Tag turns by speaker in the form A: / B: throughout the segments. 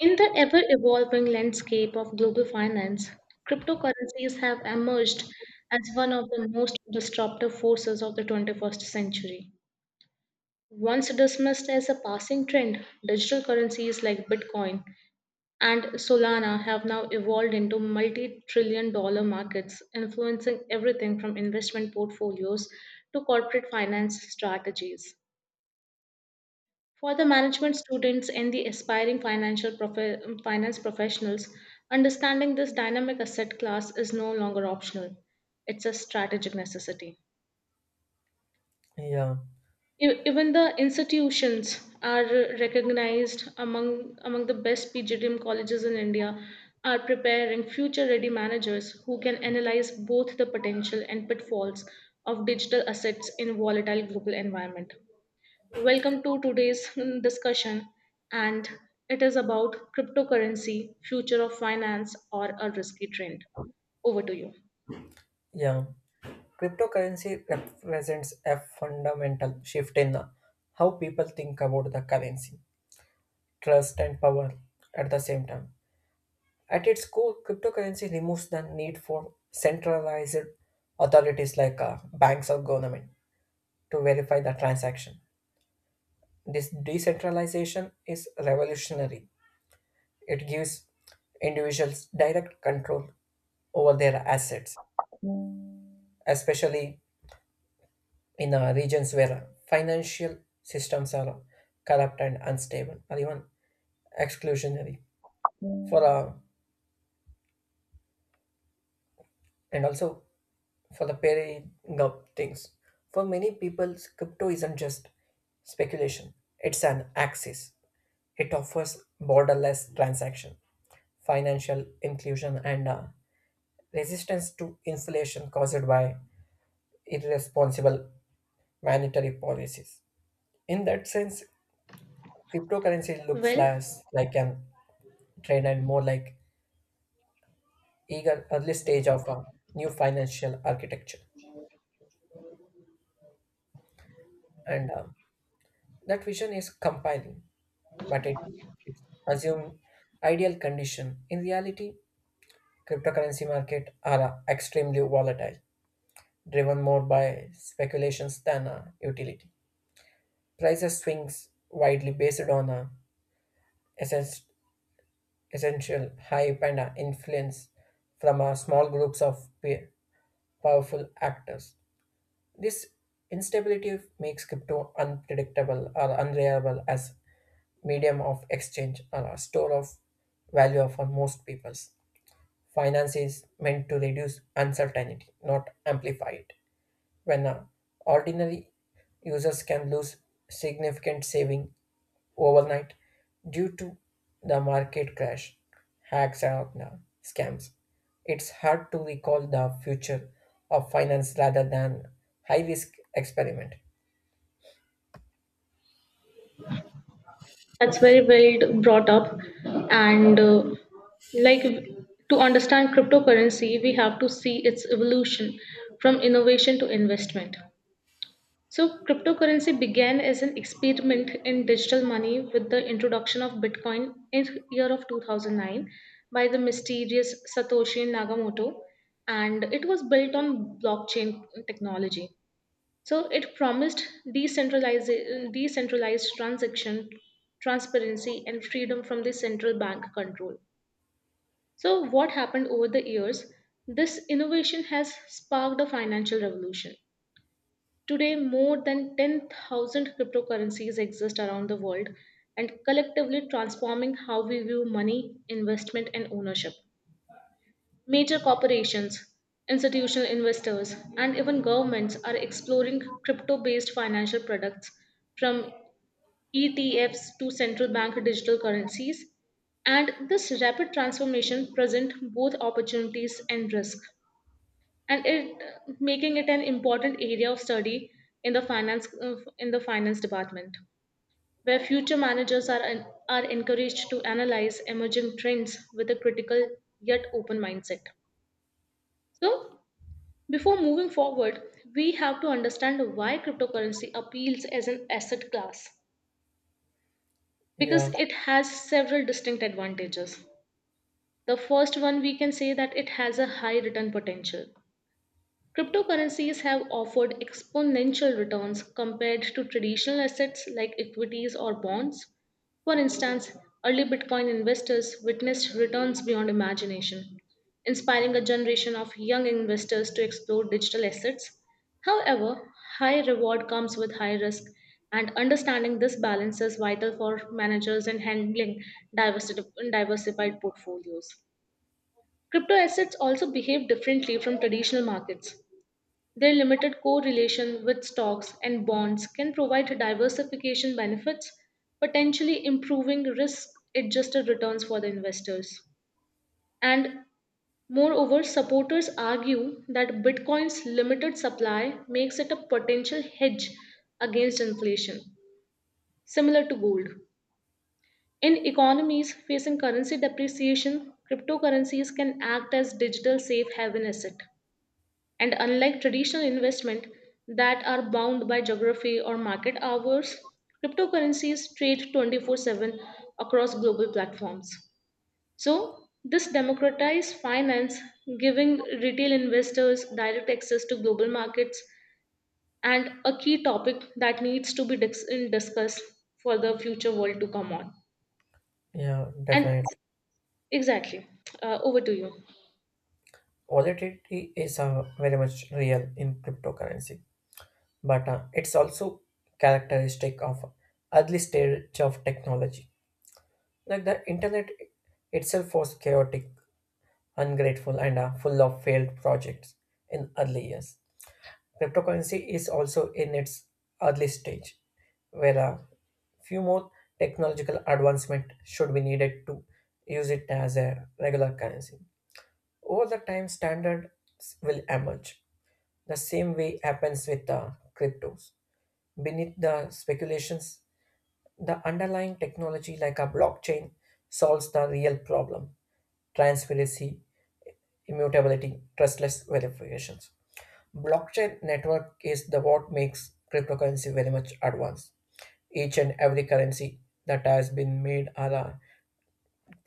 A: In the ever evolving landscape of global finance, cryptocurrencies have emerged as one of the most disruptive forces of the 21st century. Once dismissed as a passing trend, digital currencies like Bitcoin and Solana have now evolved into multi trillion dollar markets, influencing everything from investment portfolios to corporate finance strategies. For the management students and the aspiring financial finance professionals, understanding this dynamic asset class is no longer optional. It's a strategic necessity.
B: Yeah,
A: Even the institutions are recognized among the best PGDM colleges in India are preparing future ready managers who can analyze both the potential and pitfalls of digital assets in volatile global environment. Welcome to today's discussion, and it is about cryptocurrency, future of finance, or a risky trend. Over to you.
B: yeah. Cryptocurrency represents a fundamental shift in how people think about the currency, trust, and power at the same time. At its core, cryptocurrency removes the need for centralized authorities like banks or government to verify the transaction. This decentralization is revolutionary. It gives individuals direct control over their assets, especially in the regions where financial systems are corrupt and unstable or even exclusionary for and also for the pairing up things for many people crypto isn't just speculation. It's an axis. It offers borderless transaction, financial inclusion, and resistance to inflation caused by irresponsible monetary policies. In that sense, cryptocurrency looks
A: Well,
B: less like an trend and more like eager early stage of a new financial architecture. And That vision is compelling, but it's assumed ideal condition. In reality, cryptocurrency market are extremely volatile, driven more by speculations than utility. Prices swings widely based on essence, essential hype and influence from small groups of powerful actors. This instability makes crypto unpredictable or unreliable as medium of exchange or a store of value for most peoples. Finance is meant to reduce uncertainty, not amplify it when ordinary users can lose significant saving overnight due to the market crash, hacks, and scams. It's hard to recall the future of finance rather than high risk experiment.
A: that's very well brought up, and like to understand cryptocurrency, we have to see its evolution from innovation to investment. So, cryptocurrency began as an experiment in digital money with the introduction of Bitcoin in year of 2009 by the mysterious Satoshi Nakamoto, and it was built on blockchain technology. So, it promised decentralized transaction transparency and freedom from the central bank control. So, what happened over the years? This innovation has sparked a financial revolution. Today, more than 10,000 cryptocurrencies exist around the world and collectively transforming how we view money, investment, and ownership. Major corporations, institutional investors, and even governments are exploring crypto based financial products from ETFs to central bank digital currencies. And this rapid transformation presents both opportunities and risk, and it making it an important area of study in the finance department, where future managers are encouraged to analyze emerging trends with a critical yet open mindset. So, before moving forward, we have to understand why cryptocurrency appeals as an asset class, because
B: Yeah,
A: it has several distinct advantages. The first one, we can say that it has a high return potential. Cryptocurrencies have offered exponential returns compared to traditional assets like equities or bonds. For instance, early Bitcoin investors witnessed returns beyond imagination, inspiring a generation of young investors to explore digital assets. However, high reward comes with high risk, and understanding this balance is vital for managers in handling diversity- diversified portfolios. Crypto assets also behave differently from traditional markets. Their limited correlation with stocks and bonds can provide diversification benefits, potentially improving risk adjusted returns for the investors. And moreover, supporters argue that Bitcoin's limited supply makes it a potential hedge against inflation, similar to gold. In economies facing currency depreciation, cryptocurrencies can act as digital safe haven asset. And unlike traditional investment that are bound by geography or market hours, cryptocurrencies trade 24/7 across global platforms. So, this democratized finance, giving retail investors direct access to global markets, and a key topic that needs to be discussed for the future world to come on.
B: yeah,
A: And
B: definitely.
A: exactly, over to you.
B: Volatility is very much real in cryptocurrency, but it's also characteristic of early stage of technology. Like the internet itself was chaotic, ungrateful, and full of failed projects in early years. Cryptocurrency is also in its early stage, where a few more technological advancement should be needed to use it as a regular currency. Over the time, standards will emerge. The same way happens with cryptos. Beneath the speculations, the underlying technology like a blockchain solves the real problem transparency, immutability, trustless verifications. Blockchain network is the what makes cryptocurrency very much advanced. Each and every currency that has been made or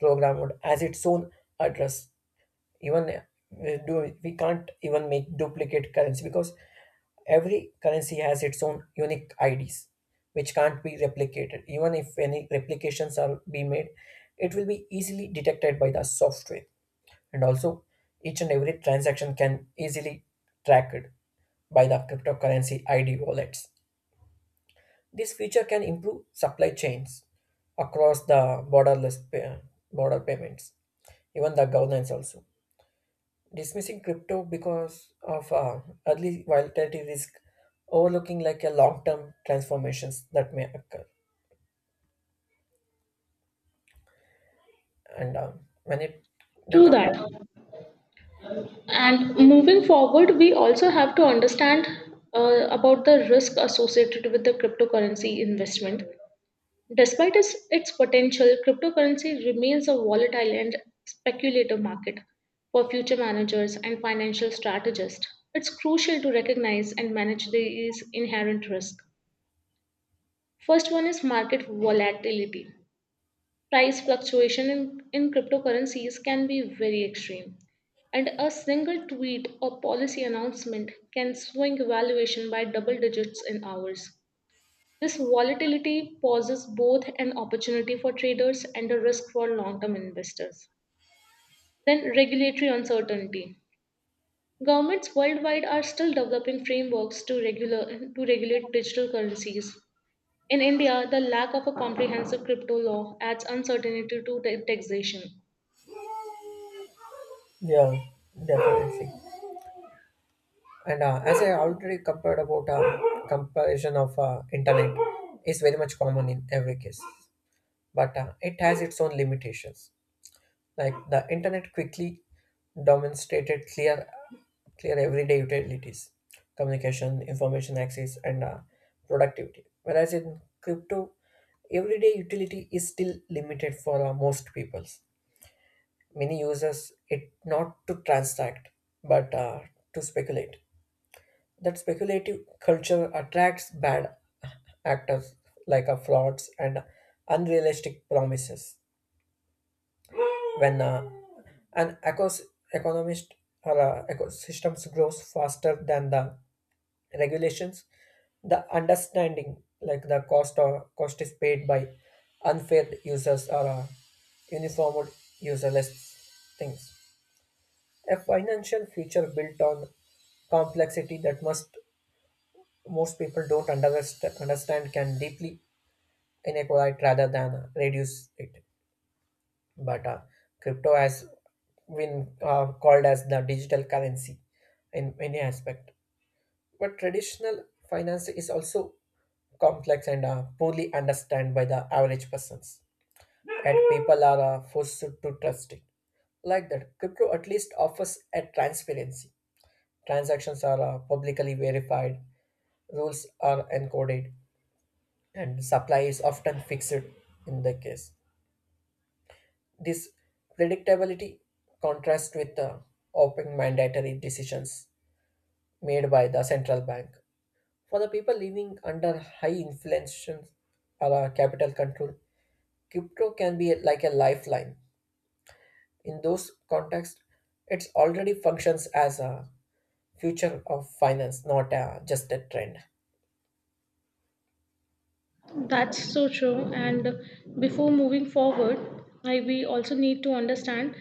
B: programmed has its own address. Even we can't even make duplicate currency because every currency has its own unique IDs which can't be replicated. Even if any replications are be made, it will be easily detected by the software. And also each and every transaction can easily tracked by the cryptocurrency ID wallets. This feature can improve supply chains across the border payments, even the governance also. Dismissing crypto because of early volatility risk, overlooking like a long-term transformations that may occur. And When it the
A: True
B: company,
A: that. And moving forward, we also have to understand about the risk associated with the cryptocurrency investment. Despite its potential, cryptocurrency remains a volatile and speculative market for future managers and financial strategists. It's crucial to recognize and manage these inherent risks. First one is market volatility. Price fluctuation in cryptocurrencies can be very extreme, and a single tweet or policy announcement can swing valuation by double digits in hours. This volatility poses both an opportunity for traders and a risk for long term investors. Then, regulatory uncertainty. Governments worldwide are still developing frameworks to regulate digital currencies. In India, the lack of a comprehensive crypto law adds uncertainty to taxation.
B: yeah, definitely. And as I already compared about comparison of internet is very much common in every case, but it has its own limitations. Like the internet quickly demonstrated clear everyday utilities, communication, information access, and productivity. Whereas in crypto, everyday utility is still limited for most peoples. Many users it not to transact, but to speculate that speculative culture attracts bad actors like frauds and unrealistic promises. When an economist or ecosystems grows faster than the regulations, the understanding like the cost is paid by unfair users or uniformed userless things. A financial future built on complexity that must most people don't understand can deeply inequality rather than reduce it. But crypto has been called as the digital currency in many aspect. But traditional finance is also complex and poorly understood by the average persons, and people are forced to trust it. Like that, crypto at least offers a transparency. Transactions are publicly verified, rules are encoded, and supply is often fixed in the case. This predictability contrasts with the open mandatory decisions made by the central bank. For the people living under high inflation or a capital control, crypto can be like a lifeline. In those contexts, it already functions as a future of finance, not a, just a trend.
A: That's so true. And before moving forward, we also need to understand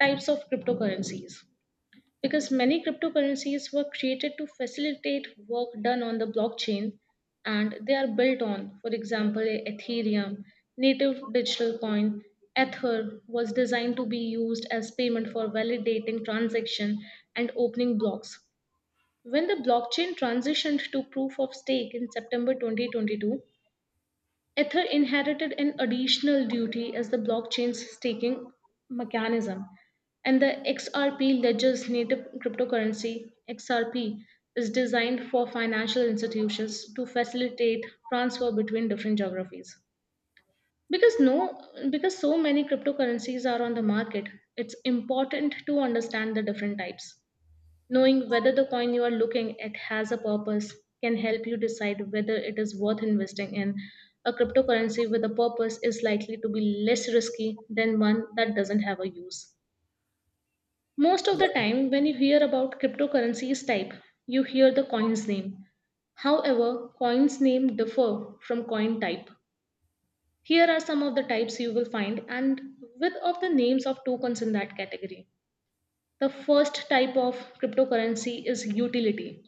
A: types of cryptocurrencies, because many cryptocurrencies were created to facilitate work done on the blockchain and they are built on, for example, Ethereum, native digital coin. Ether was designed to be used as payment for validating transaction and opening blocks. When the blockchain transitioned to proof of stake in September 2022, Ether inherited an additional duty as the blockchain's staking mechanism, and the XRP ledger's native cryptocurrency, XRP, is designed for financial institutions to facilitate transfer between different geographies. Because no because so many cryptocurrencies are on the market, it's important to understand the different types. Knowing whether the coin you are looking at has a purpose can help you decide whether it is worth investing in. A cryptocurrency with a purpose is likely to be less risky than one that doesn't have a use. Most of the time, when you hear about cryptocurrencies type, you hear the coin's name. However, coins name differ from coin type. Here are some of the types you will find and with of the names of tokens in that category. The first type of cryptocurrency is utility,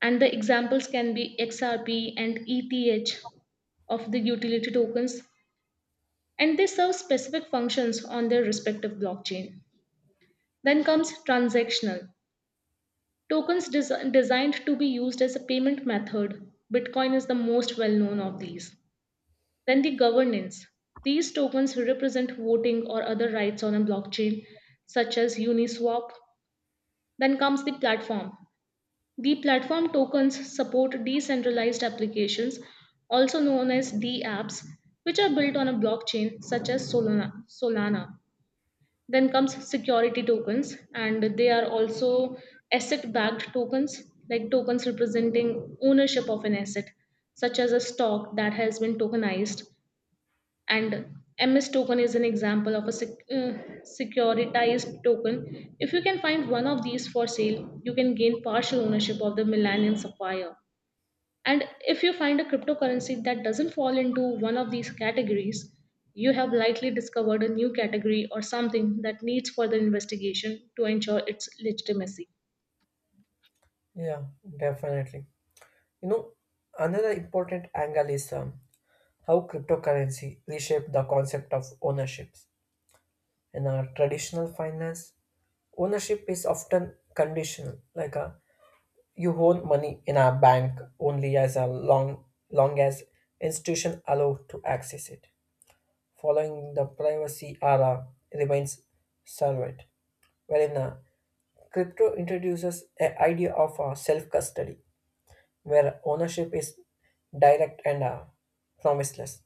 A: and the examples can be XRP and ETH of the utility tokens, and they serve specific functions on their respective blockchain. Then comes transactional tokens designed to be used as a payment method. Bitcoin is the most well known of these. Then the governance, these tokens represent voting or other rights on a blockchain, such as Uniswap. Then comes the platform tokens support decentralized applications, also known as dApps, which are built on a blockchain such as Solana. Then comes security tokens, and they are also asset backed tokens, like tokens representing ownership of an asset, such as a stock that has been tokenized, and ms token is an example of a securitized token. If you can find one of these for sale, you can gain partial ownership of the millennium sapphire, and if you find a cryptocurrency that doesn't fall into one of these categories, you have likely discovered a new category or something that needs further investigation to ensure its legitimacy.
B: Yeah, definitely. You know, another important angle is how cryptocurrency reshaped the concept of ownerships. In our traditional finance, ownership is often conditional, you own money in a bank only as a long as institution allow to access it, following the privacy era remains servant. Wherein crypto introduces an idea of self-custody where ownership is direct and promiseless.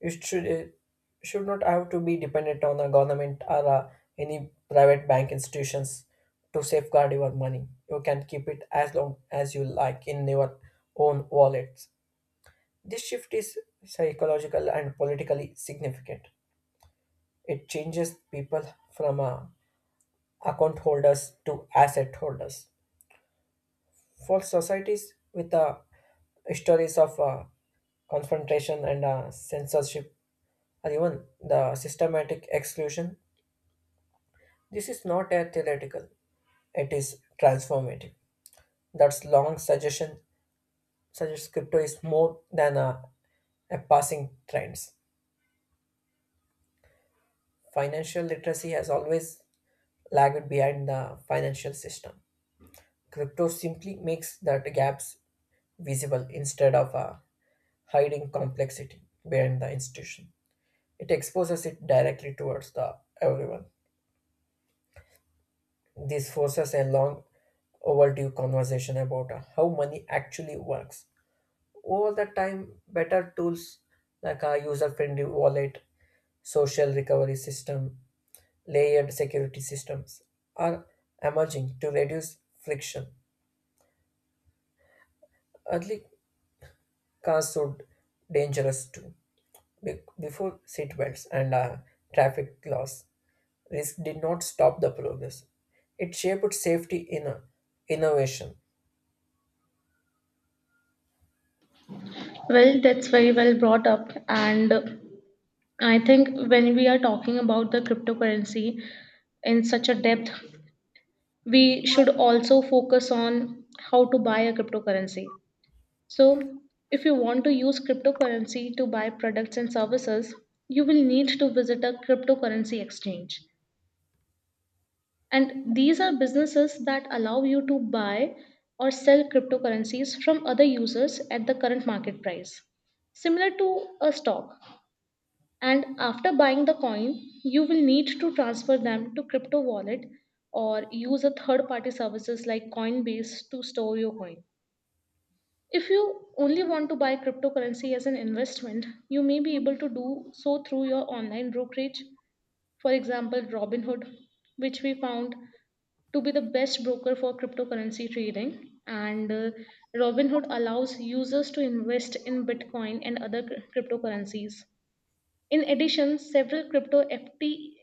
B: It should not have to be dependent on a government or any private bank institutions to safeguard your money. You can keep it as long as you like in your own wallets. This shift is psychological and politically significant. It changes people from account holders to asset holders. For societies with histories of confrontation and censorship, or even the systematic exclusion. This is not a theoretical; it is transformative. That's long suggestion suggests crypto is more than a passing trends. Financial literacy has always lagged behind the financial system. Crypto simply makes that gaps visible instead of hiding complexity behind the institution. It exposes it directly towards the everyone. This forces a long overdue conversation about how money actually works. Over the time, better tools like a user friendly wallet, social recovery system, layered security systems are emerging to reduce friction. Early cars would dangerous too. Before seatbelts and traffic laws, risk did not stop the progress. It shaped safety in innovation.
A: Well, that's very well brought up. And I think when we are talking about the cryptocurrency in such a depth, we should also focus on how to buy a cryptocurrency. So, if you want to use cryptocurrency to buy products and services, you will need to visit a cryptocurrency exchange. And these are businesses that allow you to buy or sell cryptocurrencies from other users at the current market price, similar to a stock, and after buying the coin, you will need to transfer them to crypto wallet or use a third party services like Coinbase to store your coin. If you only want to buy cryptocurrency as an investment, you may be able to do so through your online brokerage, for example Robinhood, which we found to be the best broker for cryptocurrency trading. And Robinhood allows users to invest in Bitcoin and other cryptocurrencies. In addition, several crypto FT,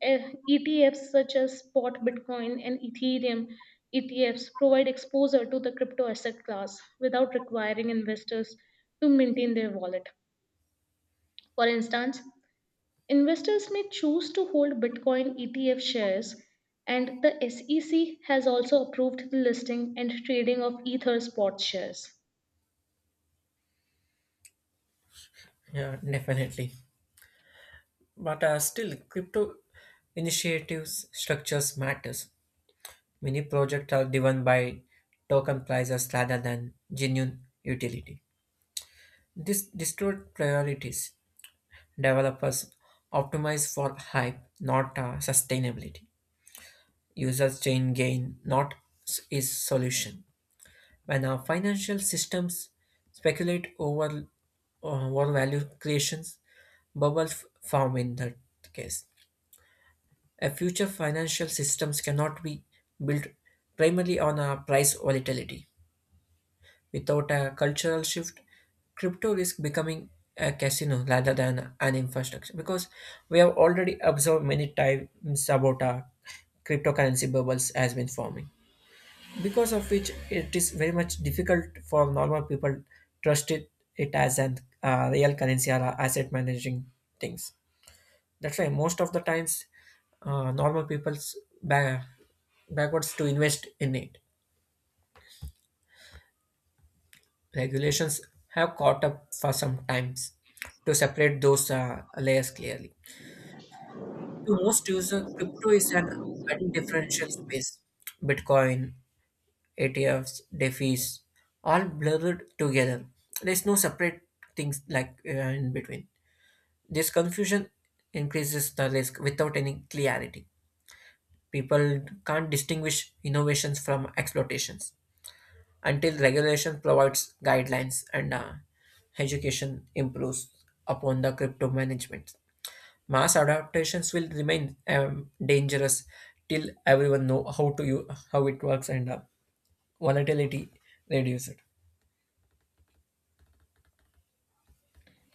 A: eh, ETFs such as spot Bitcoin and Ethereum ETFs provide exposure to the crypto asset class without requiring investors to maintain their wallet. For instance, investors may choose to hold Bitcoin ETF shares, and the SEC has also approved the listing and trading of Ether spot shares.
B: Yeah, definitely. But still, crypto initiatives structures matters. Many projects are driven by token prices rather than genuine utility. This distort priorities. Developers optimize for hype, not sustainability. Users chain gain, not s- is solution. When our financial systems speculate over value creations, bubbles form in that case. A future financial systems cannot be built primarily on a price volatility. Without a cultural shift, crypto is becoming a casino rather than an infrastructure because we have already observed many times about a cryptocurrency bubbles has been forming because of which it is very much difficult for normal people trust it, it as an real currency or a asset managing things that's why most of the times, normal people's ba- backwards to invest in it. Regulations have caught up for some times to separate those layers clearly. To most user crypto is an undifferential space. Bitcoin, ETFs, DeFi's, all blurred together. There's no separate things like in between. This confusion increases the risk without any clarity. People can't distinguish innovations from exploitations until regulation provides guidelines and education improves upon the crypto management. Mass adaptations will remain dangerous till everyone know how to how it works and volatility reduce it.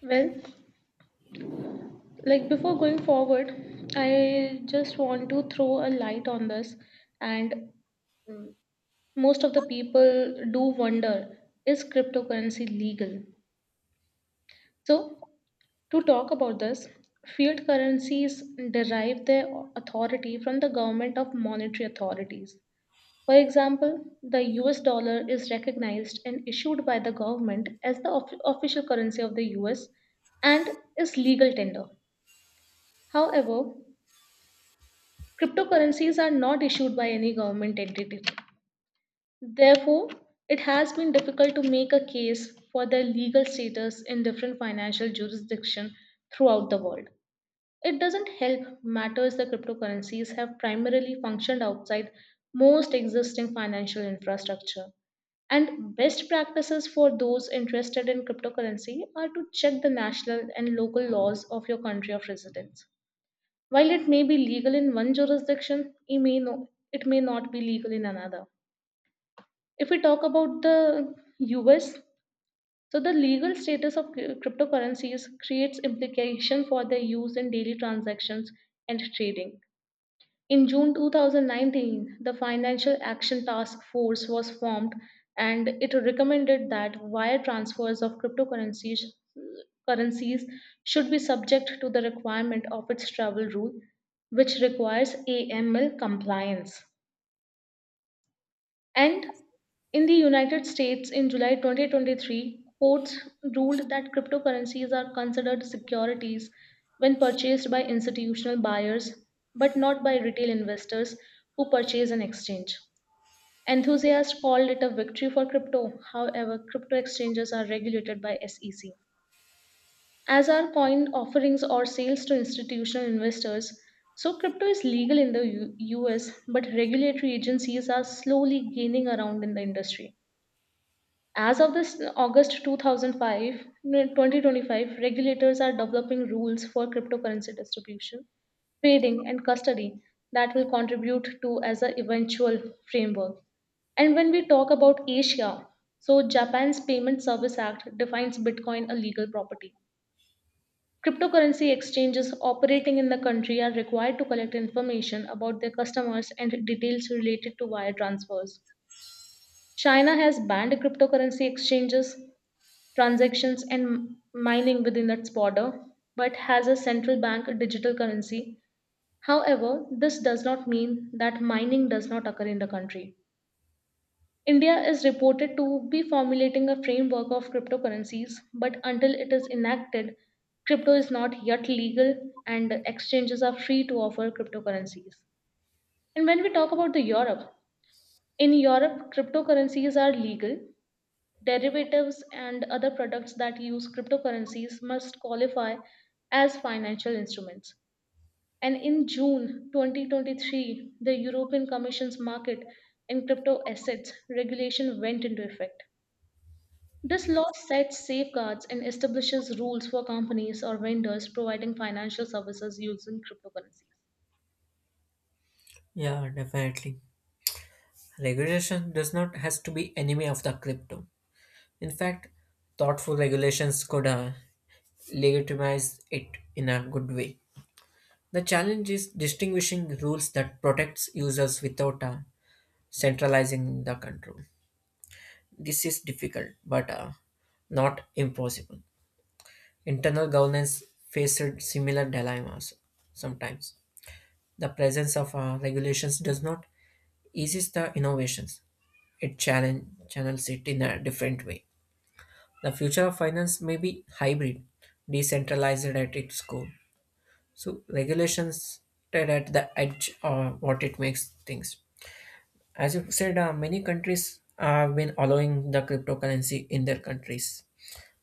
A: Well, like before going forward, I just want to throw a light on this, and mm, most of the people do wonder, is cryptocurrency legal? So, to talk about this, fiat currencies derive their authority from the government of monetary authorities. For example, the US dollar is recognized and issued by the government as the official currency of the US and is legal tender. However, cryptocurrencies are not issued by any government entity. Therefore, it has been difficult to make a case for their legal status in different financial jurisdictions throughout the world. It doesn't help matters that cryptocurrencies have primarily functioned outside most existing financial infrastructure. And best practices for those interested in cryptocurrency are to check the national and local laws of your country of residence. While it may be legal in one jurisdiction, it may not be legal in another. If we talk about the US, so the legal status of cryptocurrencies creates implication for their use in daily transactions and trading. In June 2019, the Financial Action Task Force was formed, and it recommended that wire transfers of cryptocurrencies currencies should be subject to the requirement of its travel rule, which requires AML compliance. And in the United States in July 2023, courts ruled that cryptocurrencies are considered securities when purchased by institutional buyers but not by retail investors who purchase an exchange. Enthusiasts called it a victory for crypto. However, crypto exchanges are regulated by SEC. As are coin offerings or sales to institutional investors, so crypto is legal in the US, but regulatory agencies are slowly gaining around in the industry. As of this August two thousand five 2025, regulators are developing rules for cryptocurrency distribution, trading, and custody that will contribute to as a eventual framework. And when we talk about Asia, so Japan's Payment Service Act defines Bitcoin a legal property. Cryptocurrency exchanges operating in the country are required to collect information about their customers and details related to wire transfers. China has banned cryptocurrency exchanges transactions and mining within its border, but has a central bank digital currency. However, this does not mean that mining does not occur in the country. India is reported to be formulating a framework of cryptocurrencies, but until it is enacted, crypto is not yet legal and exchanges are free to offer cryptocurrencies. And when we talk about the Europe, in Europe, cryptocurrencies are legal. Derivatives and other products that use cryptocurrencies must qualify as financial instruments. And in June 2023, the European Commission's market in crypto assets regulation went into effect. This law sets safeguards and establishes rules for companies or vendors providing financial services using cryptocurrencies.
B: Yeah, definitely. Regulation does not has to be enemy of the crypto. In fact, thoughtful regulations could legitimize it in a good way. The challenge is distinguishing rules that protects users without centralizing the control. This is difficult, but not impossible. Internal governance faced similar dilemmas sometimes. The presence of regulations does not eases the innovations. It channels it in a different way. The future of finance may be hybrid, decentralized at its core. So regulations tread at the edge of what it makes things. As you said, many countries have been allowing the cryptocurrency in their countries,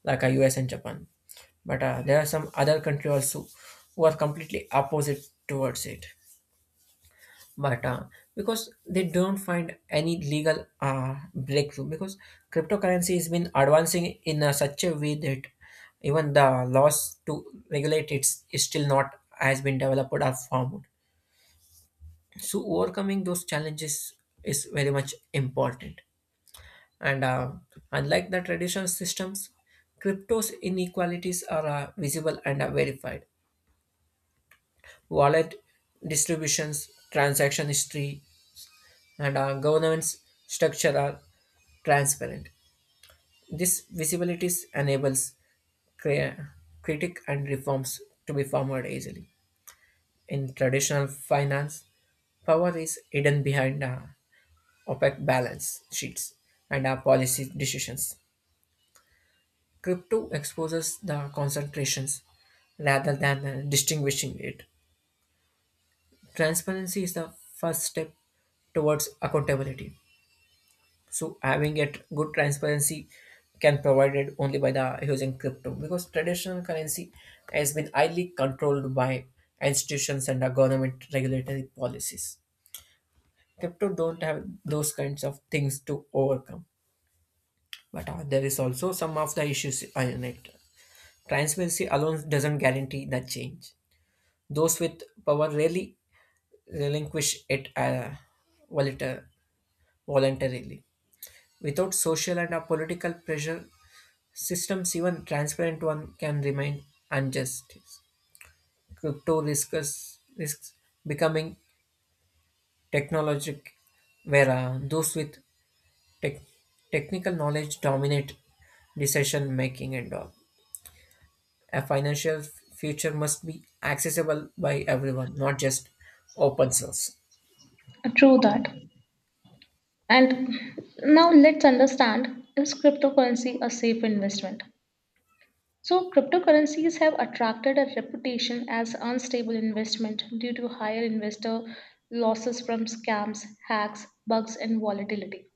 B: like US and Japan. But there are some other countries also who are completely opposite towards it. But because they don't find any legal breakthrough, because cryptocurrency has been advancing in such a way that even the laws to regulate it is still not has been developed or formed. So overcoming those challenges is very much important. And unlike the traditional systems, crypto's inequalities are visible and verified. Wallet distributions, transaction history, and governance structure are transparent. This visibility enables cri- critic and reforms to be formed easily. In traditional finance, power is hidden behind opaque balance sheets and policy decisions. Crypto exposes the concentrations rather than distinguishing it. Transparency is the first step towards accountability. So having it good transparency can provided only by the using crypto because traditional currency has been highly controlled by institutions and the government regulatory policies. Crypto don't have those kinds of things to overcome. But there is also some of the issues in it. Transparency alone doesn't guarantee the change. Those with power rarely relinquish it voluntar- voluntarily. Without social and political pressure, systems, even transparent one, can remain unjust. Risks becoming technologic, where those with tech, technical knowledge dominate decision making and all. A financial future must be accessible by everyone, not just open source.
A: True that. And now let's understand, is cryptocurrency a safe investment? So, cryptocurrencies have attracted a reputation as unstable investment due to higher investor losses from scams, hacks, bugs, and volatility.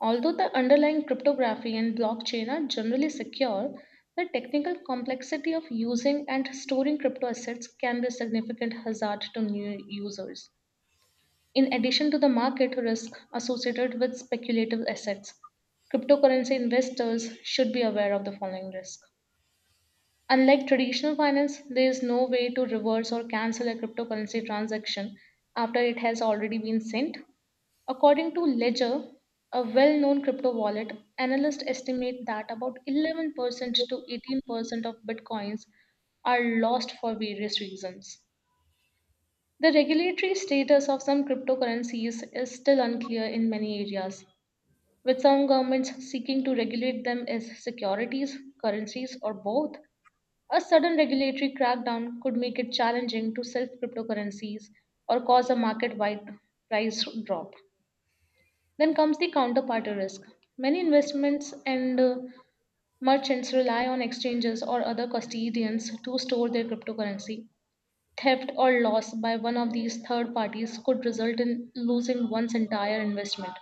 A: Although the underlying cryptography and blockchain are generally secure, the technical complexity of using and storing crypto assets can be a significant hazard to new users. In addition to the market risk associated with speculative assets, cryptocurrency investors should be aware of the following risk. Unlike traditional finance, there is no way to reverse or cancel a cryptocurrency transaction after it has already been sent. According to Ledger, a well known crypto wallet, analysts estimate that about 11% to 18% of bitcoins are lost for various reasons. The regulatory status of some cryptocurrencies is still unclear in many areas, with some governments seeking to regulate them as securities, currencies, or both. A sudden regulatory crackdown could make it challenging to sell cryptocurrencies or cause a market wide price drop. Then comes the counterparty risk. Many investments and merchants rely on exchanges or other custodians to store their cryptocurrency. Theft or loss by one of these third parties could result in losing one's entire investment.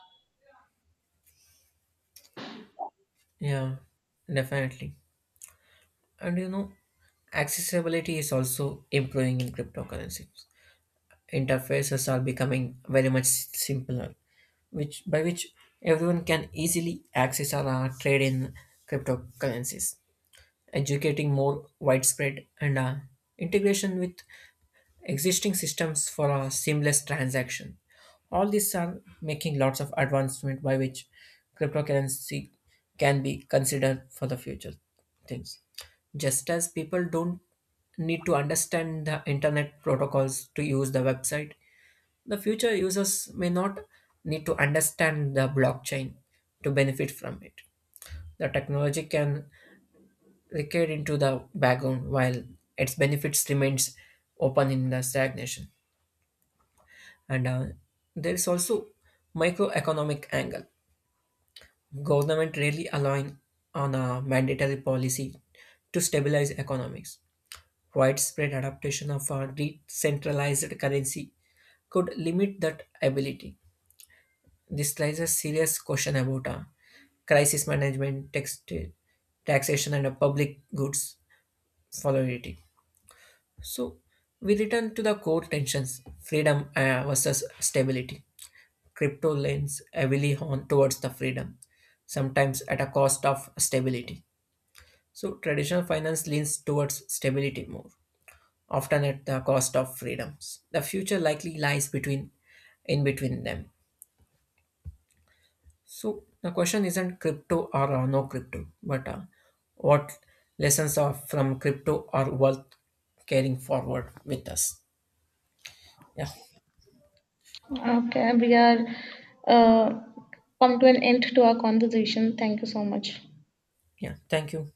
B: Yeah, definitely. And you know, accessibility is also improving in cryptocurrencies. Interfaces are becoming very much simpler, which by which everyone can easily access or trade in cryptocurrencies, educating more widespread and integration with existing systems for a seamless transaction. All these are making lots of advancement by which cryptocurrency can be considered for the future things. Just as people don't need to understand the internet protocols to use the website, the future users may not need to understand the blockchain to benefit from it. The technology can recede into the background while its benefits remains open in the stagnation. And there is also microeconomic angle. Government rarely align on a mandatory policy to stabilize economics. Widespread adaptation of a decentralized currency could limit that ability. This raises serious question about crisis management, taxation, and public goods volatility. So we return to the core tensions: freedom versus stability. Crypto leans heavily on towards the freedom, sometimes at a cost of stability. So traditional finance leans towards stability more, often at the cost of freedoms. The future likely lies between in between them. So the question isn't crypto or no crypto, but what lessons are from crypto are worth carrying forward with us. Yeah,
A: Okay, we are uh, come to an end to our conversation. Thank you so much.
B: yeah. Thank you.